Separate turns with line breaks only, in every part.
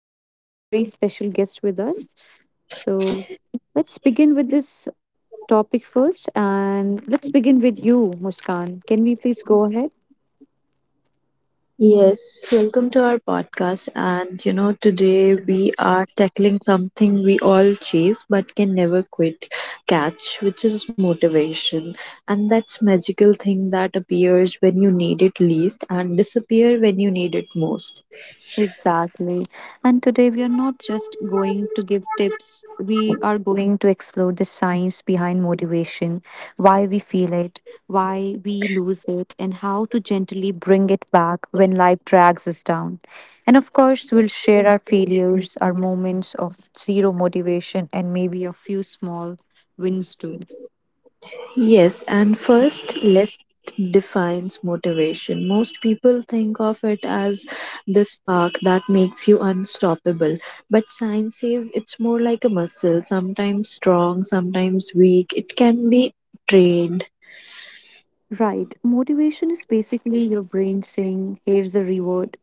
And we have a very special guest with us. So let's begin with this topic first. And let's begin with you, Muskan. Can we please go ahead?
Welcome to our podcast. Today we are tackling something we all chase but can never quit catch, which is motivation. And that's magical thing that appears when you need it least and disappear when you need it most.
Exactly. And today we are not just going to give tips, we are going to explore the science behind motivation, why we feel it, why we lose it, and how to gently bring it back when life drags us down. And of course, we'll share our failures, our moments of zero motivation, and maybe a few small wins too.
Yes, and first, list defines motivation. Most people think of it as the spark that makes you unstoppable, but science says it's more like a muscle, sometimes strong, sometimes weak. It can be trained.
Right. Motivation is basically your brain saying, here's a reward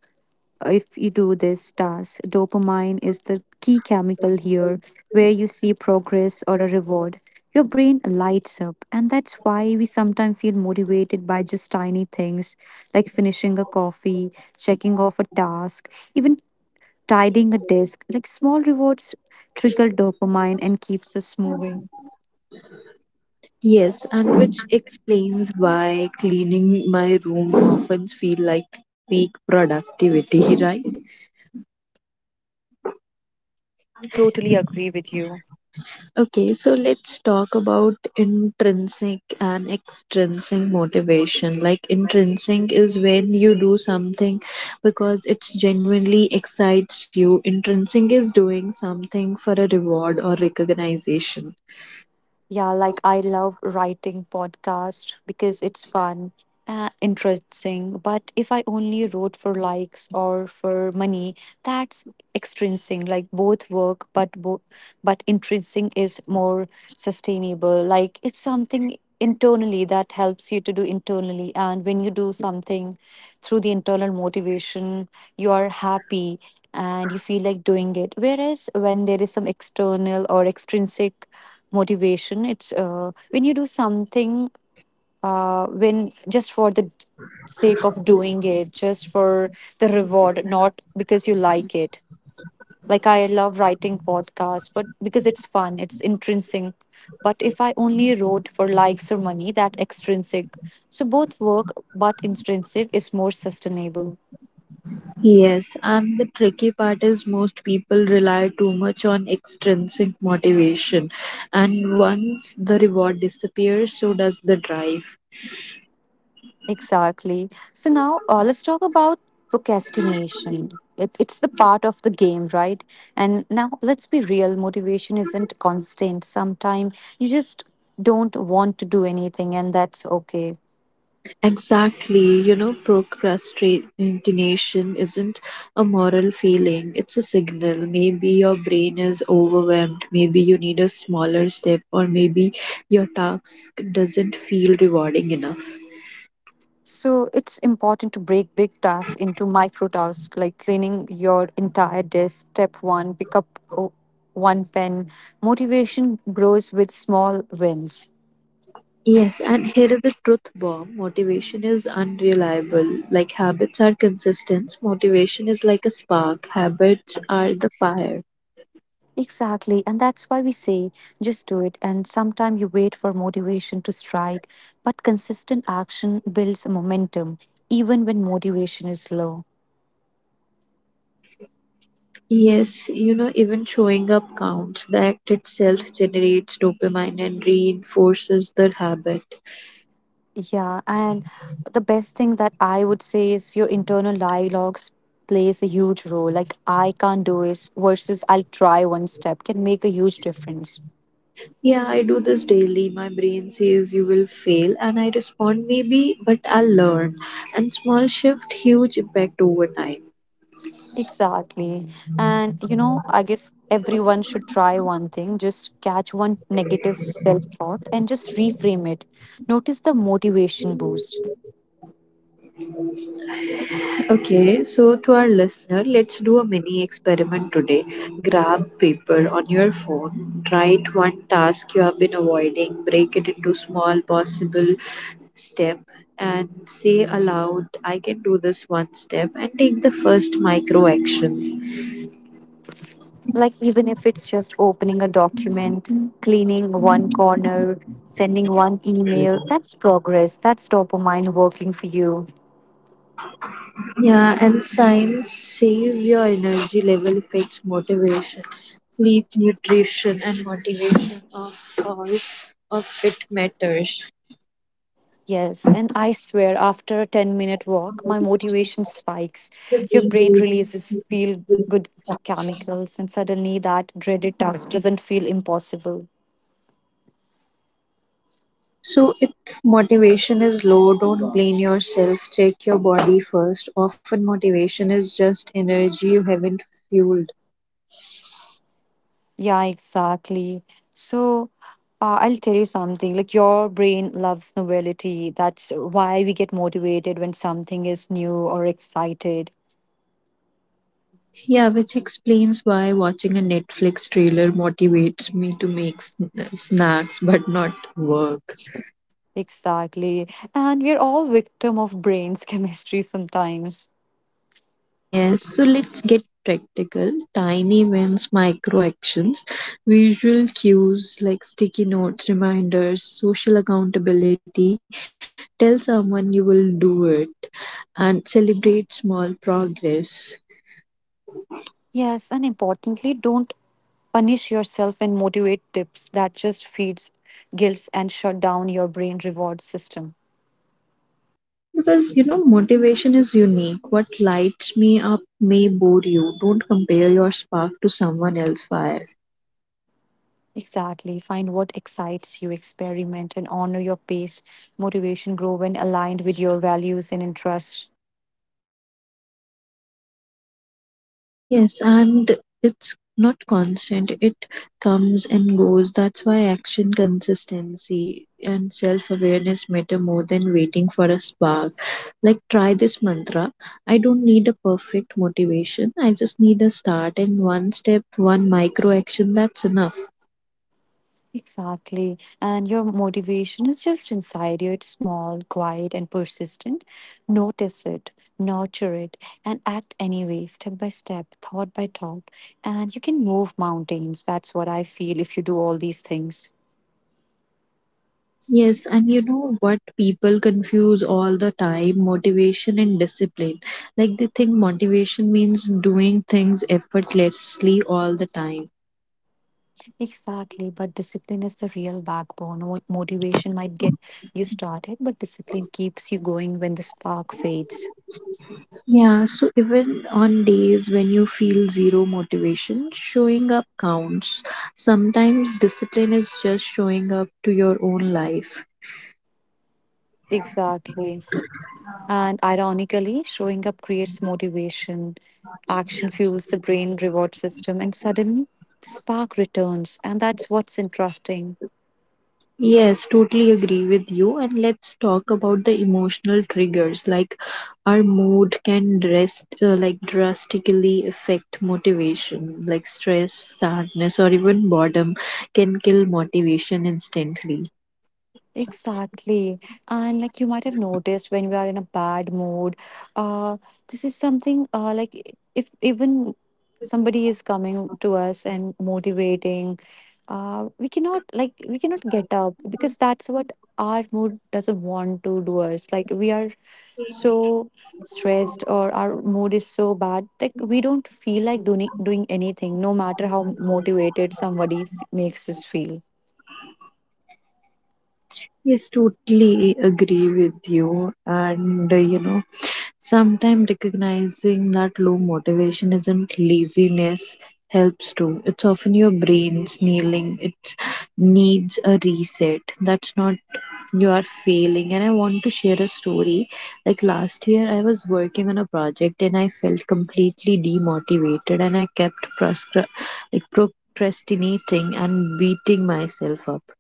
if you do this task. Dopamine is the key chemical here. Where you see progress or a reward, your brain lights up, and that's why we sometimes feel motivated by just tiny things like finishing a coffee, checking off a task, even tidying a desk. Like small rewards trigger dopamine and keeps us moving.
Yes, and which explains why cleaning my room often feel like peak productivity, right?
I totally agree with you.
Okay, so let's talk about intrinsic and extrinsic motivation. Like, intrinsic is when you do something because it genuinely excites you, intrinsic is doing something for a reward or recognition.
Yeah, like I love writing podcast because it's fun and interesting. But if I only wrote for likes or for money, that's extrinsic. Like both work, but but intrinsic is more sustainable. Like it's something internally that helps you to do internally, and when you do something through the internal motivation, you are happy and you feel like doing it. Whereas when there is some external or extrinsic motivation, it's when you do something, when just for the sake of doing it, just for the reward, not because you like it. Like I love writing podcasts, but because it's fun, it's intrinsic. But if I only wrote for likes or money, that extrinsic. So both work, but intrinsic is more sustainable.
Yes, and the tricky part is most people rely too much on extrinsic motivation, and once the reward disappears, so does the drive.
Exactly. So now let's talk about procrastination. It's the part of the game, right? And now let's be real, motivation isn't constant. Sometimes you just don't want to do anything, and that's okay.
Exactly. You know, procrastination isn't a moral feeling, it's a signal. Maybe your brain is overwhelmed, maybe you need a smaller step, or maybe your task doesn't feel rewarding enough.
So it's important to break big tasks into micro tasks, like cleaning your entire desk. Step one, pick up one pen. Motivation grows with small wins.
Yes, and here is the truth bomb. Motivation is unreliable. Like habits are consistent, motivation is like a spark, habits are the fire.
Exactly, and that's why we say just do it. And sometimes you wait for motivation to strike, but consistent action builds momentum even when motivation is low.
Yes, you know, even showing up counts. The act itself generates dopamine and reinforces the habit.
Yeah, and the best thing that I would say is your internal dialogues plays a huge role. Like I can't do is versus I'll try, one step can make a huge difference.
Yeah, I do this daily. My brain says you will fail, and I respond maybe, but I'll learn. And small shift, huge impact over time.
Exactly. And you know, I guess everyone should try one thing, just catch one negative self thought and just reframe it. Notice the motivation boost.
Okay, so to our listener, let's do a mini experiment today. Grab paper on your phone, write one task you have been avoiding, break it into small possible step and say aloud I can do this one step and take the first micro action.
Like, even if it's just opening a document, cleaning one corner, sending one email, that's progress. That's dopamine working for you.
Yeah, and science says your energy level affects motivation, sleep, nutrition, and motivation of all of it matters.
Yes, and I swear after a 10-minute walk, my motivation spikes. Your brain releases feel good chemicals, and suddenly that dreaded task doesn't feel impossible.
So, if motivation is low, don't blame yourself. Check your body first. Often, motivation is just energy you haven't fueled.
Yeah, exactly. So, I'll tell you something. Like your brain loves novelty. That's why we get motivated when something is new or excited.
Yeah, which explains why watching a Netflix trailer motivates me to make snacks but not work.
Exactly. And we're all victim of brain's chemistry sometimes.
Yes, so let's get practical. Tiny wins, micro actions, visual cues like sticky notes, reminders, social accountability. Tell someone you will do it and celebrate small progress.
Yes, and importantly, don't punish yourself. And motivate tips that just feeds guilt and shut down your brain reward system.
Because you know, motivation is unique. What lights me up may bore you. Don't compare your spark to someone else's fire.
Exactly. Find what excites you, experiment, and honor your pace. Motivation grow when aligned with your values and interests.
Yes, and it's not constant. It comes and goes. That's why action, consistency, and self awareness matter more than waiting for a spark. Like, try this mantra, I don't need a perfect motivation. I just need a start and one step, one micro action. That's enough.
Exactly. And your motivation is just inside you. It's small, quiet, and persistent. Notice it, nurture it, and act anyway, step by step, thought by thought. And you can move mountains. That's what I feel if you do all these things.
Yes, and you know what? People confuse all the time motivation and discipline. Like, they think motivation means doing things effortlessly all the time.
Exactly, but discipline is the real backbone. Motivation might get you started, but discipline keeps you going when the spark fades.
Yeah, so even on days when you feel zero motivation, showing up counts. Sometimes discipline is just showing up to your own life.
Exactly. And ironically, showing up creates motivation. Action fuels the brain reward system, and suddenly the spark returns. And that's what's interesting.
Yes, totally agree with you. And let's talk about the emotional triggers. Like our mood can dress, like drastically affect motivation. Like stress, sadness, or even boredom can kill motivation instantly.
Exactly. And like you might have noticed, when we are in a bad mood, uh, this is something like if even somebody is coming to us and motivating, we cannot, like we cannot get up, because that's what our mood doesn't want to do us. Like we are so stressed, or our mood is so bad, like we don't feel like doing anything no matter how motivated somebody makes us feel.
Yes, totally agree with you. Sometimes recognizing that low motivation isn't laziness helps too. It's often your brain snealing, it needs a reset. That's not you are failing. And I want to share a story. Like last year, I was working on a project and I felt completely demotivated and I kept like procrastinating and beating myself up.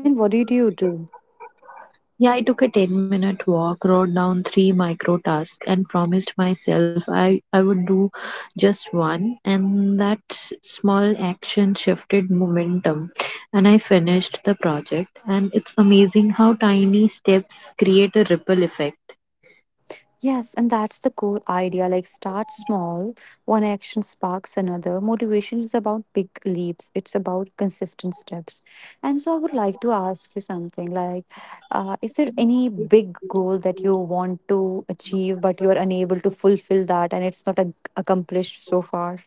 Then what did you do?
Yeah, I took a 10-minute walk, wrote down three micro tasks, and promised myself I would do just one. And that small action shifted momentum, and I finished the project. And it's amazing how tiny steps create a ripple effect.
Yes, and that's the core idea. Like, start small. One action sparks another. Motivation is about big leaps, it's about consistent steps. And so, I would like to ask you something like, is there any big goal that you want to achieve, but you are unable to fulfill that and it's not accomplished so far?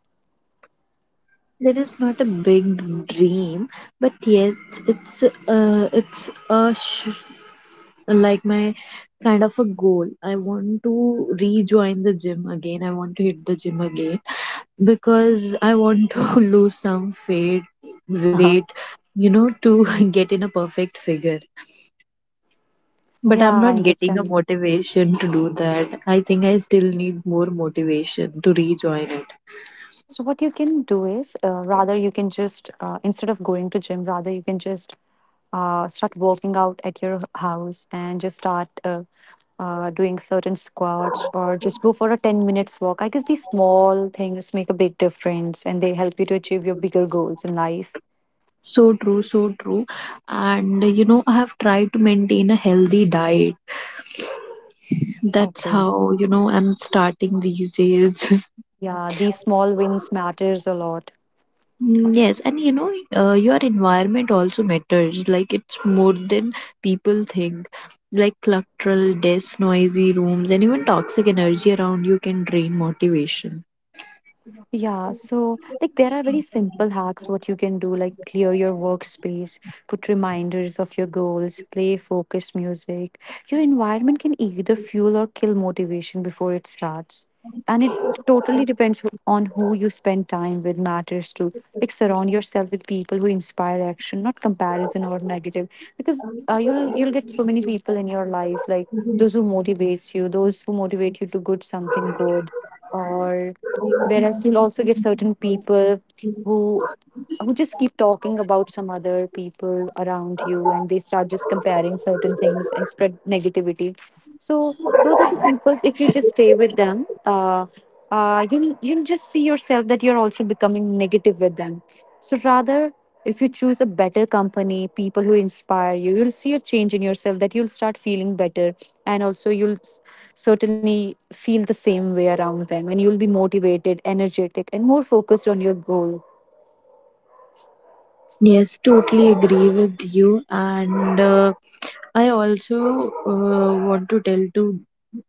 There is not a big dream, but yet it's a sh- like my kind of a goal. I want to rejoin the gym again. I want to hit the gym again because I want to lose some
Uh-huh.
weight, you know, to get in a perfect figure. But
Yeah,
I'm
I
not getting a
understand.
motivation to do that. I think I still need more motivation to rejoin it.
So, what you can do is, rather you can just, instead of going to gym, rather you can just start working out at your house and just start, doing certain squats or just go for a 10 minutes walk. I guess these small things make a big difference and they help you to achieve your bigger goals in life.
So true, so true. And you know, I have tried to maintain a healthy diet. That's
Okay.
how, you know, I'm starting these days.
Yeah, these small wins matters a lot.
Mm, yes, and you know, your environment also matters. Like, it's more than people think. Like, cluttered desks, noisy rooms, and even toxic energy around you can drain motivation.
Yeah, so like there are very simple hacks what you can do, like clear your workspace, put reminders of your goals, play focused music. Your environment can either fuel or kill motivation before it starts. And it totally depends on who you spend time with matters too. Like surround yourself with people who inspire action, not comparison or negative. Because you'll get so many people in your life, like those who motivates you, those who motivate you to good something good, or whereas you'll also get certain people who who just keep talking about some other people around you, and they start just comparing certain things and spread negativity. So those are the people, if you just stay with them, you'll just see yourself that you're also becoming negative with them. So rather, if you choose a better company, people who inspire you, you'll see a change in yourself, that you'll start feeling better, and also certainly feel the same way around them, and you'll be motivated, energetic, and more focused on your goal.
Yes, totally agree with you. And I also want to tell to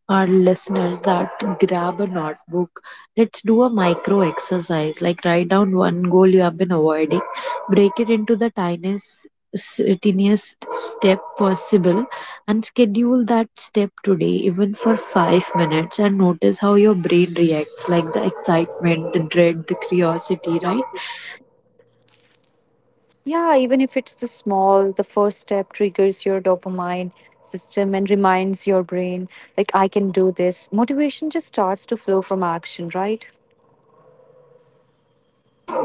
our listeners that grab a notebook. Let's do a micro exercise, like write down one goal you have been avoiding, break it into the tiniest step possible, and schedule that step today, even for 5 minutes, and notice how your brain reacts like the excitement, the dread, the curiosity, right?
Yeah, even if it's the small, the first step triggers your dopamine system and reminds your brain, like, I can do this. Motivation just starts to flow from action, right?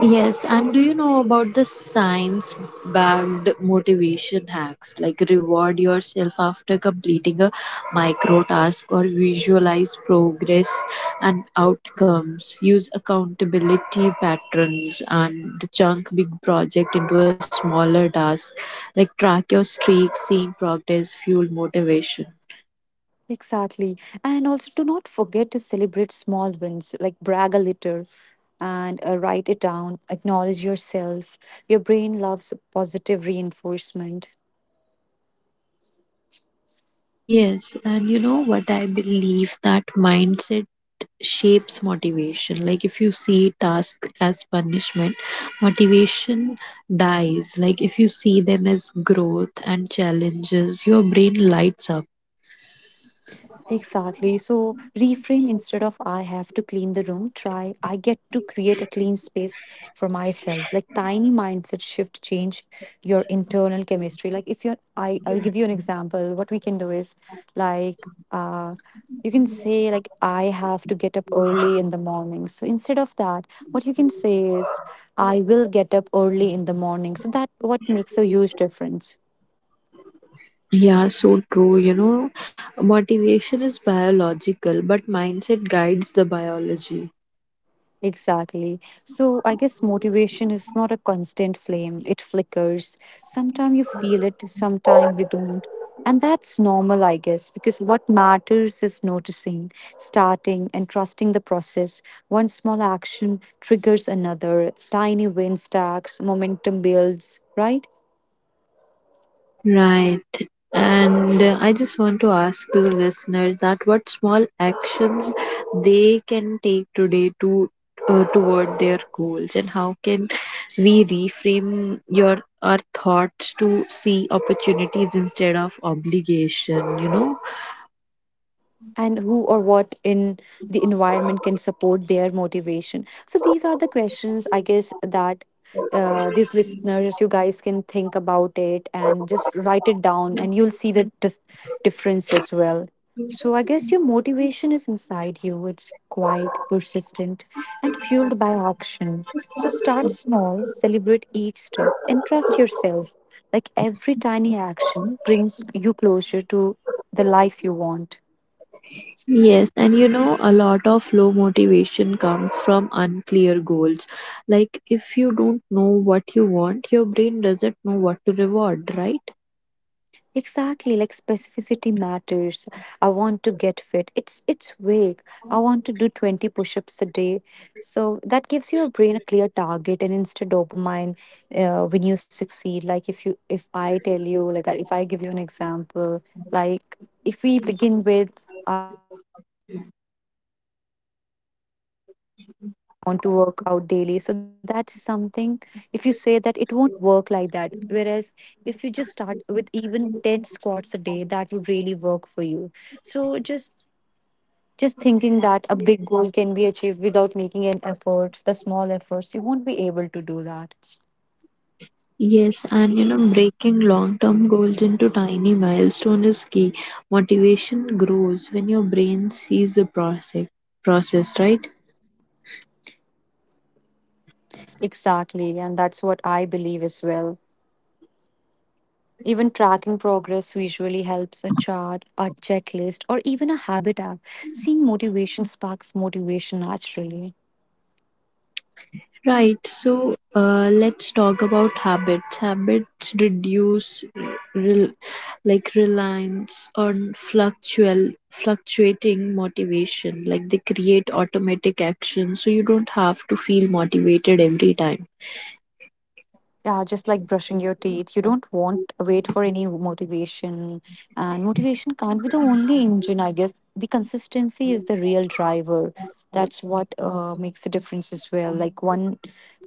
Yes, and do you know about the science backed motivation hacks like reward yourself after completing a micro task or visualize progress and outcomes? Use accountability patterns and the chunk big project into a smaller task, like track your streak, seeing progress, fuel motivation.
Exactly. And also, do not forget to celebrate small wins, like brag a little and write it down. Acknowledge yourself. Your brain loves positive reinforcement.
Yes, and you know what I believe that mindset shapes motivation. Like if you see tasks as punishment, motivation dies. Like if you see them as growth and challenges, your brain lights up.
Exactly. So reframe, instead of I have to clean the room, try I get to create a clean space for myself. Like tiny mindset shift change your internal chemistry. Like if you're I'll give you an example. What we can do is like you can say like I have to get up early in the morning. So instead of that, what you can say is I will get up early in the morning. So that what makes a huge difference.
Yeah, so true. You know, motivation is biological, but mindset guides the biology.
Exactly. So I guess motivation is not a constant flame. It flickers. Sometimes you feel it, sometimes you don't. And that's normal, I guess, because what matters is noticing, starting, and trusting the process. One small action triggers another. Tiny win stacks, momentum builds, right?
Right. And I just want to ask to the listeners that what small actions they can take today to toward their goals and how can we reframe your our thoughts to see opportunities instead of obligation, you know.
And who or what in the environment can support their motivation? So these are the questions, I guess, that, these listeners, you guys can think about it and just write it down, and you'll see the dis difference as well. So I guess your motivation is inside you. It's quiet, persistent, and fueled by action. So start small, celebrate each step, and trust yourself. Like every tiny action brings you closer to the life you want.
Yes, and you know, a lot of low motivation comes from unclear goals. Like, if you don't know what you want, your brain doesn't know what to reward, right?
Exactly, like specificity matters. I want to get fit. It's vague. I want to do 20 push-ups a day. So that gives your brain a clear target and instant dopamine when you succeed. Like if you, if I tell you, like if I give you an example, like if we begin with to work out daily. So that's something, if you say that, it won't work like that. Whereas if you just start with even 10 squats a day, that would really work for you. So just thinking that a big goal can be achieved without making an effort, the small efforts, you won't be able to do that.
Yes, and you know, breaking long term goals into tiny milestones is key. Motivation grows when your brain sees the process, right?
Exactly, and that's what I believe as well. Even tracking progress visually helps, a chart, a checklist, or even a habit app. Seeing motivation sparks motivation naturally.
Right, so let's talk about habits. Habits reduce rel- like reliance on fluctual fluctuating motivation. Like they create automatic action, so you don't have to feel motivated every time.
Yeah, just like brushing your teeth. You don't want wait for any motivation. And motivation can't be the only engine, I guess. The consistency is the real driver. That's what makes the difference as well. Like one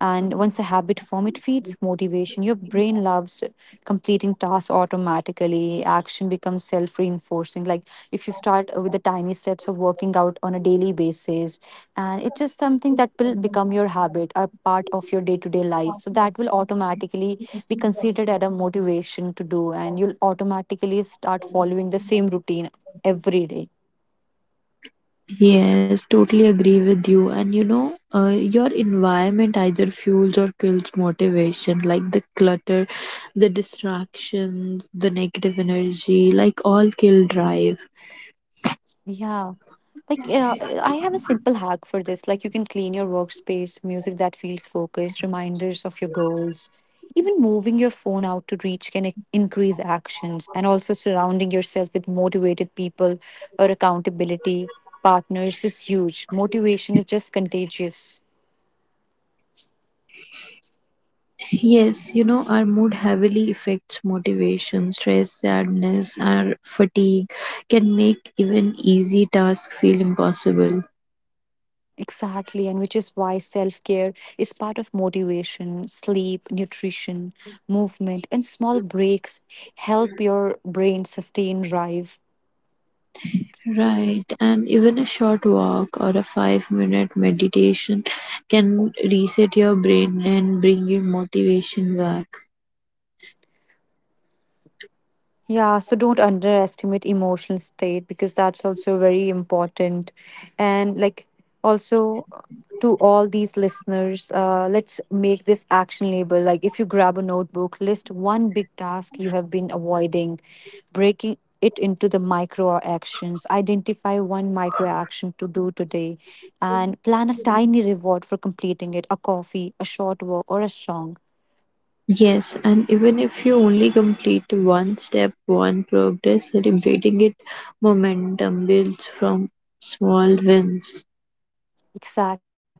and Once a habit form, it feeds motivation. Your brain loves completing tasks automatically, action becomes self-reinforcing. Like if you start with the tiny steps of working out on a daily basis, and it's just something that will become your habit or part of your day-to-day life, so that will automatically be considered as a motivation to do, and you'll automatically start following the same routine every day.
Yes, totally agree with you. And you know, your environment either fuels or kills motivation, like the clutter, the distractions, the negative energy, like all kill drive.
Yeah. Like, I have a simple hack for this. Like, you can clean your workspace, music that feels focused, reminders of your goals. Even moving your phone out to reach can increase actions, and also surrounding yourself with motivated people or accountability partners is huge. Motivation is just contagious.
Yes, you know, our mood heavily affects motivation, stress, sadness, or fatigue can make even easy tasks feel impossible.
Exactly, and which is why self care is part of motivation, sleep, nutrition, movement, and small breaks help your brain sustain drive.
Right, and even a short walk or a 5 minute meditation can reset your brain and bring your motivation back.
Yeah, so don't underestimate emotional state because that's also very important. And like also to all these listeners, let's make this actionable. Like if you grab a notebook, list one big task you have been avoiding, breaking it into the micro actions. Identify one micro action to do today and plan a tiny reward for completing it, a coffee, a short walk, or a song.
Yes, and even if you only complete one step, one progress, celebrating it, momentum builds from small wins.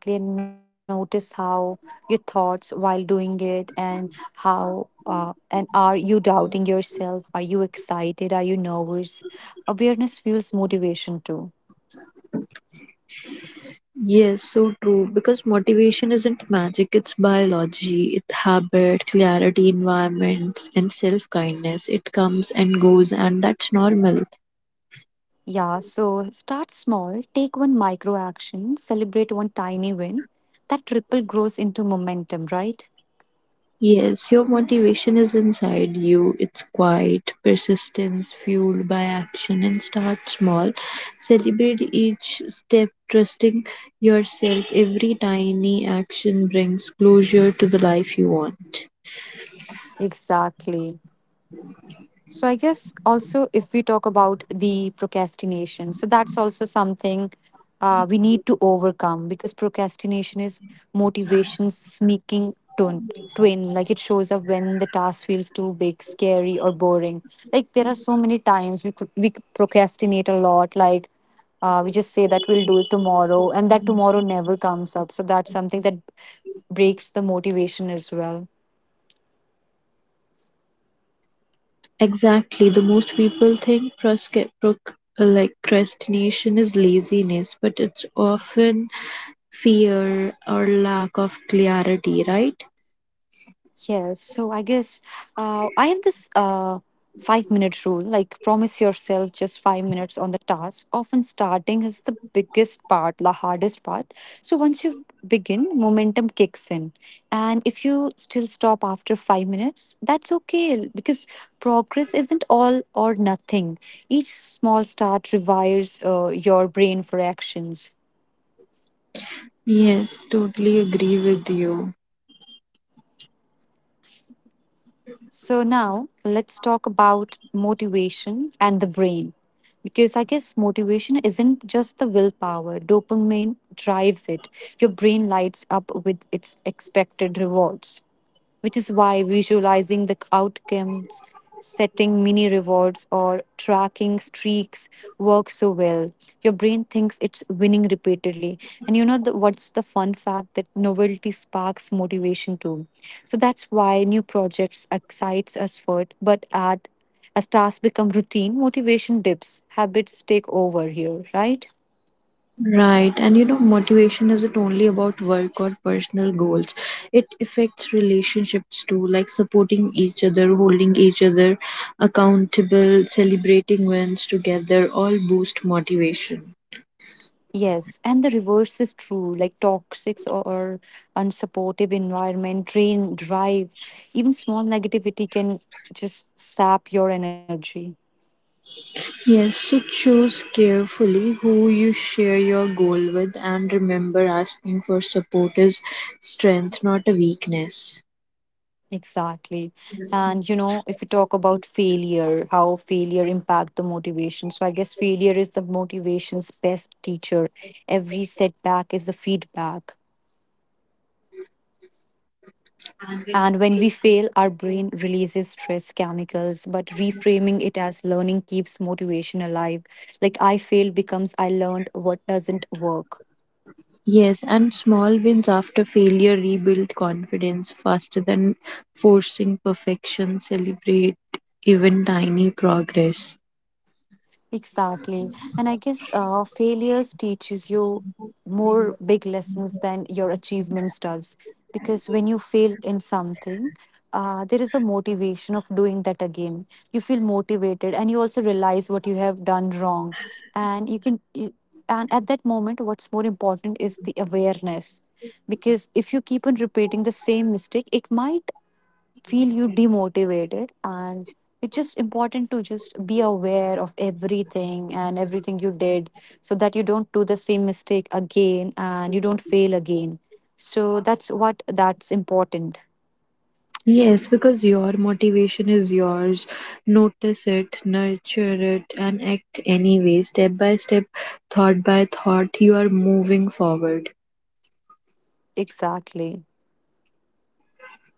Exactly, and notice how your thoughts while doing it, and how and are you doubting yourself? Are you excited? Are you nervous? Awareness fuels motivation too.
Yes, so true. Because motivation isn't magic, it's biology, it's habit, clarity, environments, and self kindness. It comes and goes, and that's normal.
Yeah, so start small, take one micro action, celebrate one tiny win. That ripple grows into momentum, right?
Yes, your motivation is inside you. It's quiet, persistence fueled by action, and start small. Celebrate each step, trusting yourself. Every tiny action brings closure to the life you want.
Exactly. So I guess also if we talk about the procrastination, so that's also something we need to overcome, because procrastination is motivation sneaking twin. Like it shows up when the task feels too big, scary, or boring. Like there are so many times we procrastinate a lot. Like we just say that we'll do it tomorrow, and that tomorrow never comes up. So that's something that breaks the motivation as well.
Exactly. The most people think like procrastination is laziness, but it's often fear or lack of clarity, right?
Yes, so I guess I have this 5 minute rule, like, promise yourself just 5 minutes on the task. Often, starting is the biggest part, the hardest part. So, once you begin, momentum kicks in. And if you still stop after 5 minutes, that's okay because progress isn't all or nothing. Each small start rewires your brain for actions.
Yes, totally agree with you.
So now let's talk about motivation and the brain. Because I guess motivation isn't just the willpower, dopamine drives it. Your brain lights up with its expected rewards, which is why visualizing the outcomes, setting mini rewards, or tracking streaks works so well. Your brain thinks it's winning repeatedly. And you know what's the fun fact that novelty sparks motivation too. So that's why new projects excites us first, but at as tasks become routine, motivation dips, habits take over here, right?
Right. And you know, motivation isn't only about work or personal goals. It affects relationships too, like supporting each other, holding each other accountable, celebrating wins together, all boost motivation.
Yes, and the reverse is true. Like toxic or unsupportive environment drain drive. Even small negativity can just sap your energy.
Yes, so choose carefully who you share your goal with and remember asking for support is strength, not a weakness.
Exactly. And you know, if we talk about failure, how failure impact the motivation. So I guess failure is the motivation's best teacher. Every setback is a feedback. And when we fail, our brain releases stress chemicals, but reframing it as learning keeps motivation alive. Like I failed becomes I learned what doesn't work.
Yes, and small wins after failure rebuild confidence faster than forcing perfection. Celebrate even tiny progress.
Exactly. And I guess failures teaches you more big lessons than your achievements does. Because when you fail in something, there is a motivation of doing that again. You feel motivated and you also realize what you have done wrong. And you can, you, and at that moment, what's more important is the awareness. Because if you keep on repeating the same mistake, it might feel you demotivated, and it's just important to just be aware of everything and everything you did, so that you don't do the same mistake again and you don't fail again. So that's what that's important.
Yes, because your motivation is yours. Notice it, nurture it, and act anyway. Step by step, thought by thought, you are moving forward.
Exactly.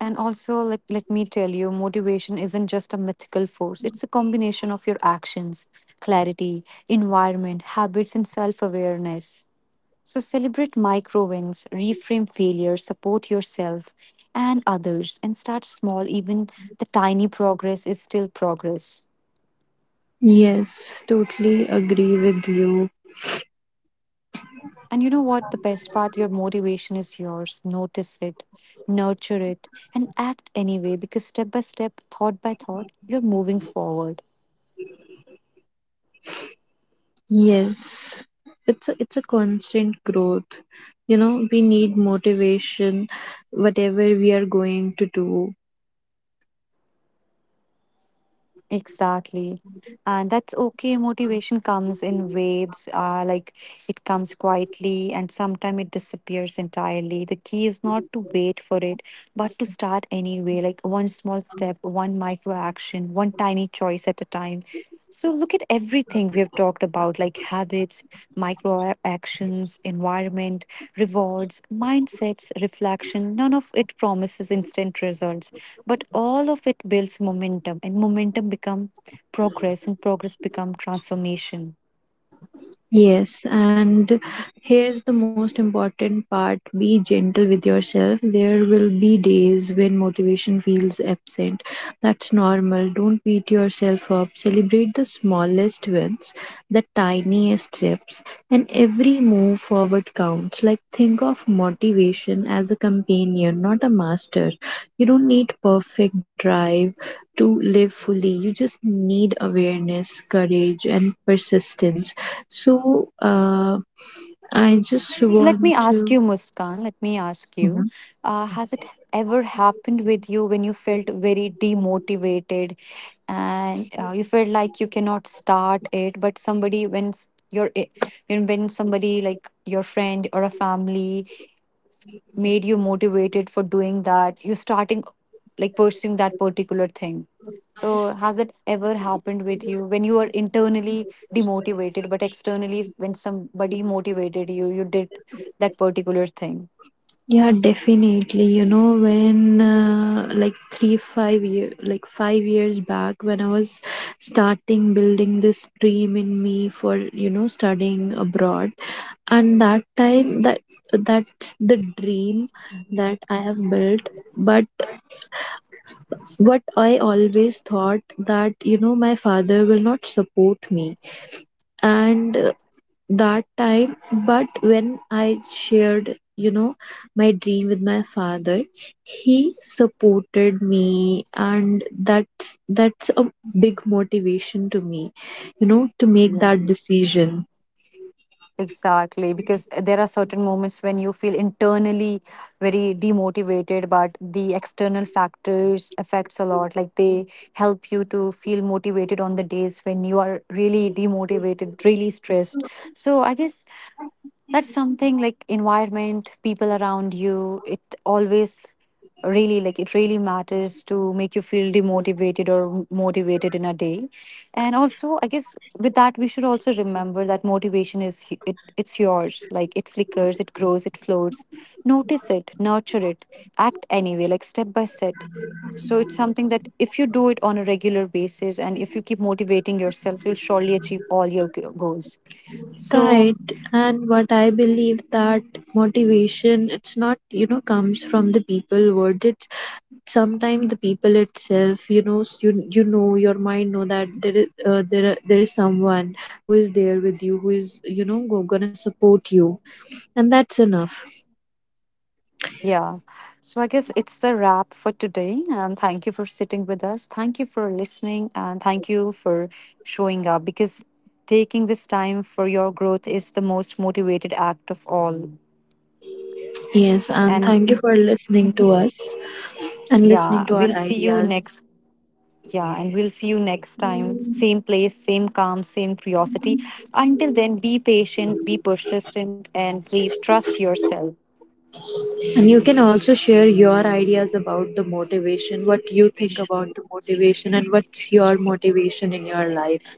And also, like, let me tell you, motivation isn't just a mythical force. It's a combination of your actions, clarity, environment, habits, and self awareness. So celebrate micro wins, reframe failure, support yourself and others, and start small. Even the tiny progress is still progress.
Yes, totally agree with you.
And you know what? The best part, your motivation is yours. Notice it, nurture it, and act anyway, because step by step, thought by thought, you're moving forward.
Yes. It's a constant growth. You know, we need motivation whatever we are going to do.
Exactly. And that's okay, motivation comes in waves, like it comes quietly and sometimes it disappears entirely. The key is not to wait for it, but to start anyway. Like one small step, one micro action, one tiny choice at a time. So look at everything we have talked about, like habits, micro actions, environment, rewards, mindsets, reflection, none of it promises instant results, but all of it builds momentum, and momentum becomes progress, and progress become transformation.
Yes, and here's the most important part, be gentle with yourself. There will be days when motivation feels absent. That's normal. Don't beat yourself up. Celebrate the smallest wins, the tiniest steps, and every move forward counts. Like, think of motivation as a companion, not a master. You don't need perfect drive to live fully, you just need awareness, courage, and persistence. So I just
So let
want
me
to,
ask you, Muskan, let me ask
hmm,
you, has it ever happened with you when you felt very demotivated and you felt like you cannot start it, but somebody, when s- you I- you know, when somebody like your friend or a family made you motivated for doing that you starting, like pursuing that particular thing. So has it ever happened with you when you were internally demotivated but externally when somebody motivated you, you did that particular thing?
yeah, definitely. You know, when like 3 5-year like 5 years back when I was starting building this dream in me for, you know, studying abroad, and that time that's the dream that I have built. But what I always thought that, you know, my father will not support me. And uh, that time but when I shared, you know, my dream with my father, he supported me and that's a big motivation to me, you know, to make
Yeah.
that decision.
Exactly, because there are certain moments when you feel internally very demotivated, but the external factors affects a lot. Like they help you to feel motivated on the days when you are really demotivated, really stressed. So I guess that's something like environment, people around you, it always really, like, it really matters to make you feel demotivated or motivated in a day. And also I guess, with that, we should also remember that motivation it's yours, like it flickers, it grows, it floats. Notice it, nurture it, act anyway, like step by step. So it's something that if you do it on a regular basis, and if you keep motivating yourself, you'll surely achieve all your goals. So.
Right, and what I believe that motivation, it's not, you know, comes from the people words. It sometimes the people itself, you know, you, you know, your mind know that there is, there is someone who is there with you, who is, you know, gonna support you, and that's enough.
Yeah. So I guess it's the wrap for today. And thank you for sitting with us. Thank you for listening. And thank you for showing up, because taking this time for your growth is the most motivated act of all.
Yes, and
And
thank you for listening to
Mhm.
us and listening
Yeah,
to our
we'll see you
ideas.
next. Yeah, and we'll see you next time. Same place, same calm, same curiosity. Until then, be patient, be persistent, and please trust yourself.
And you can also share your ideas about the motivation, what you think about the motivation, and what's your motivation in your life.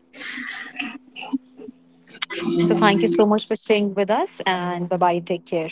So, thank you so much for staying with us. And bye bye. Take care.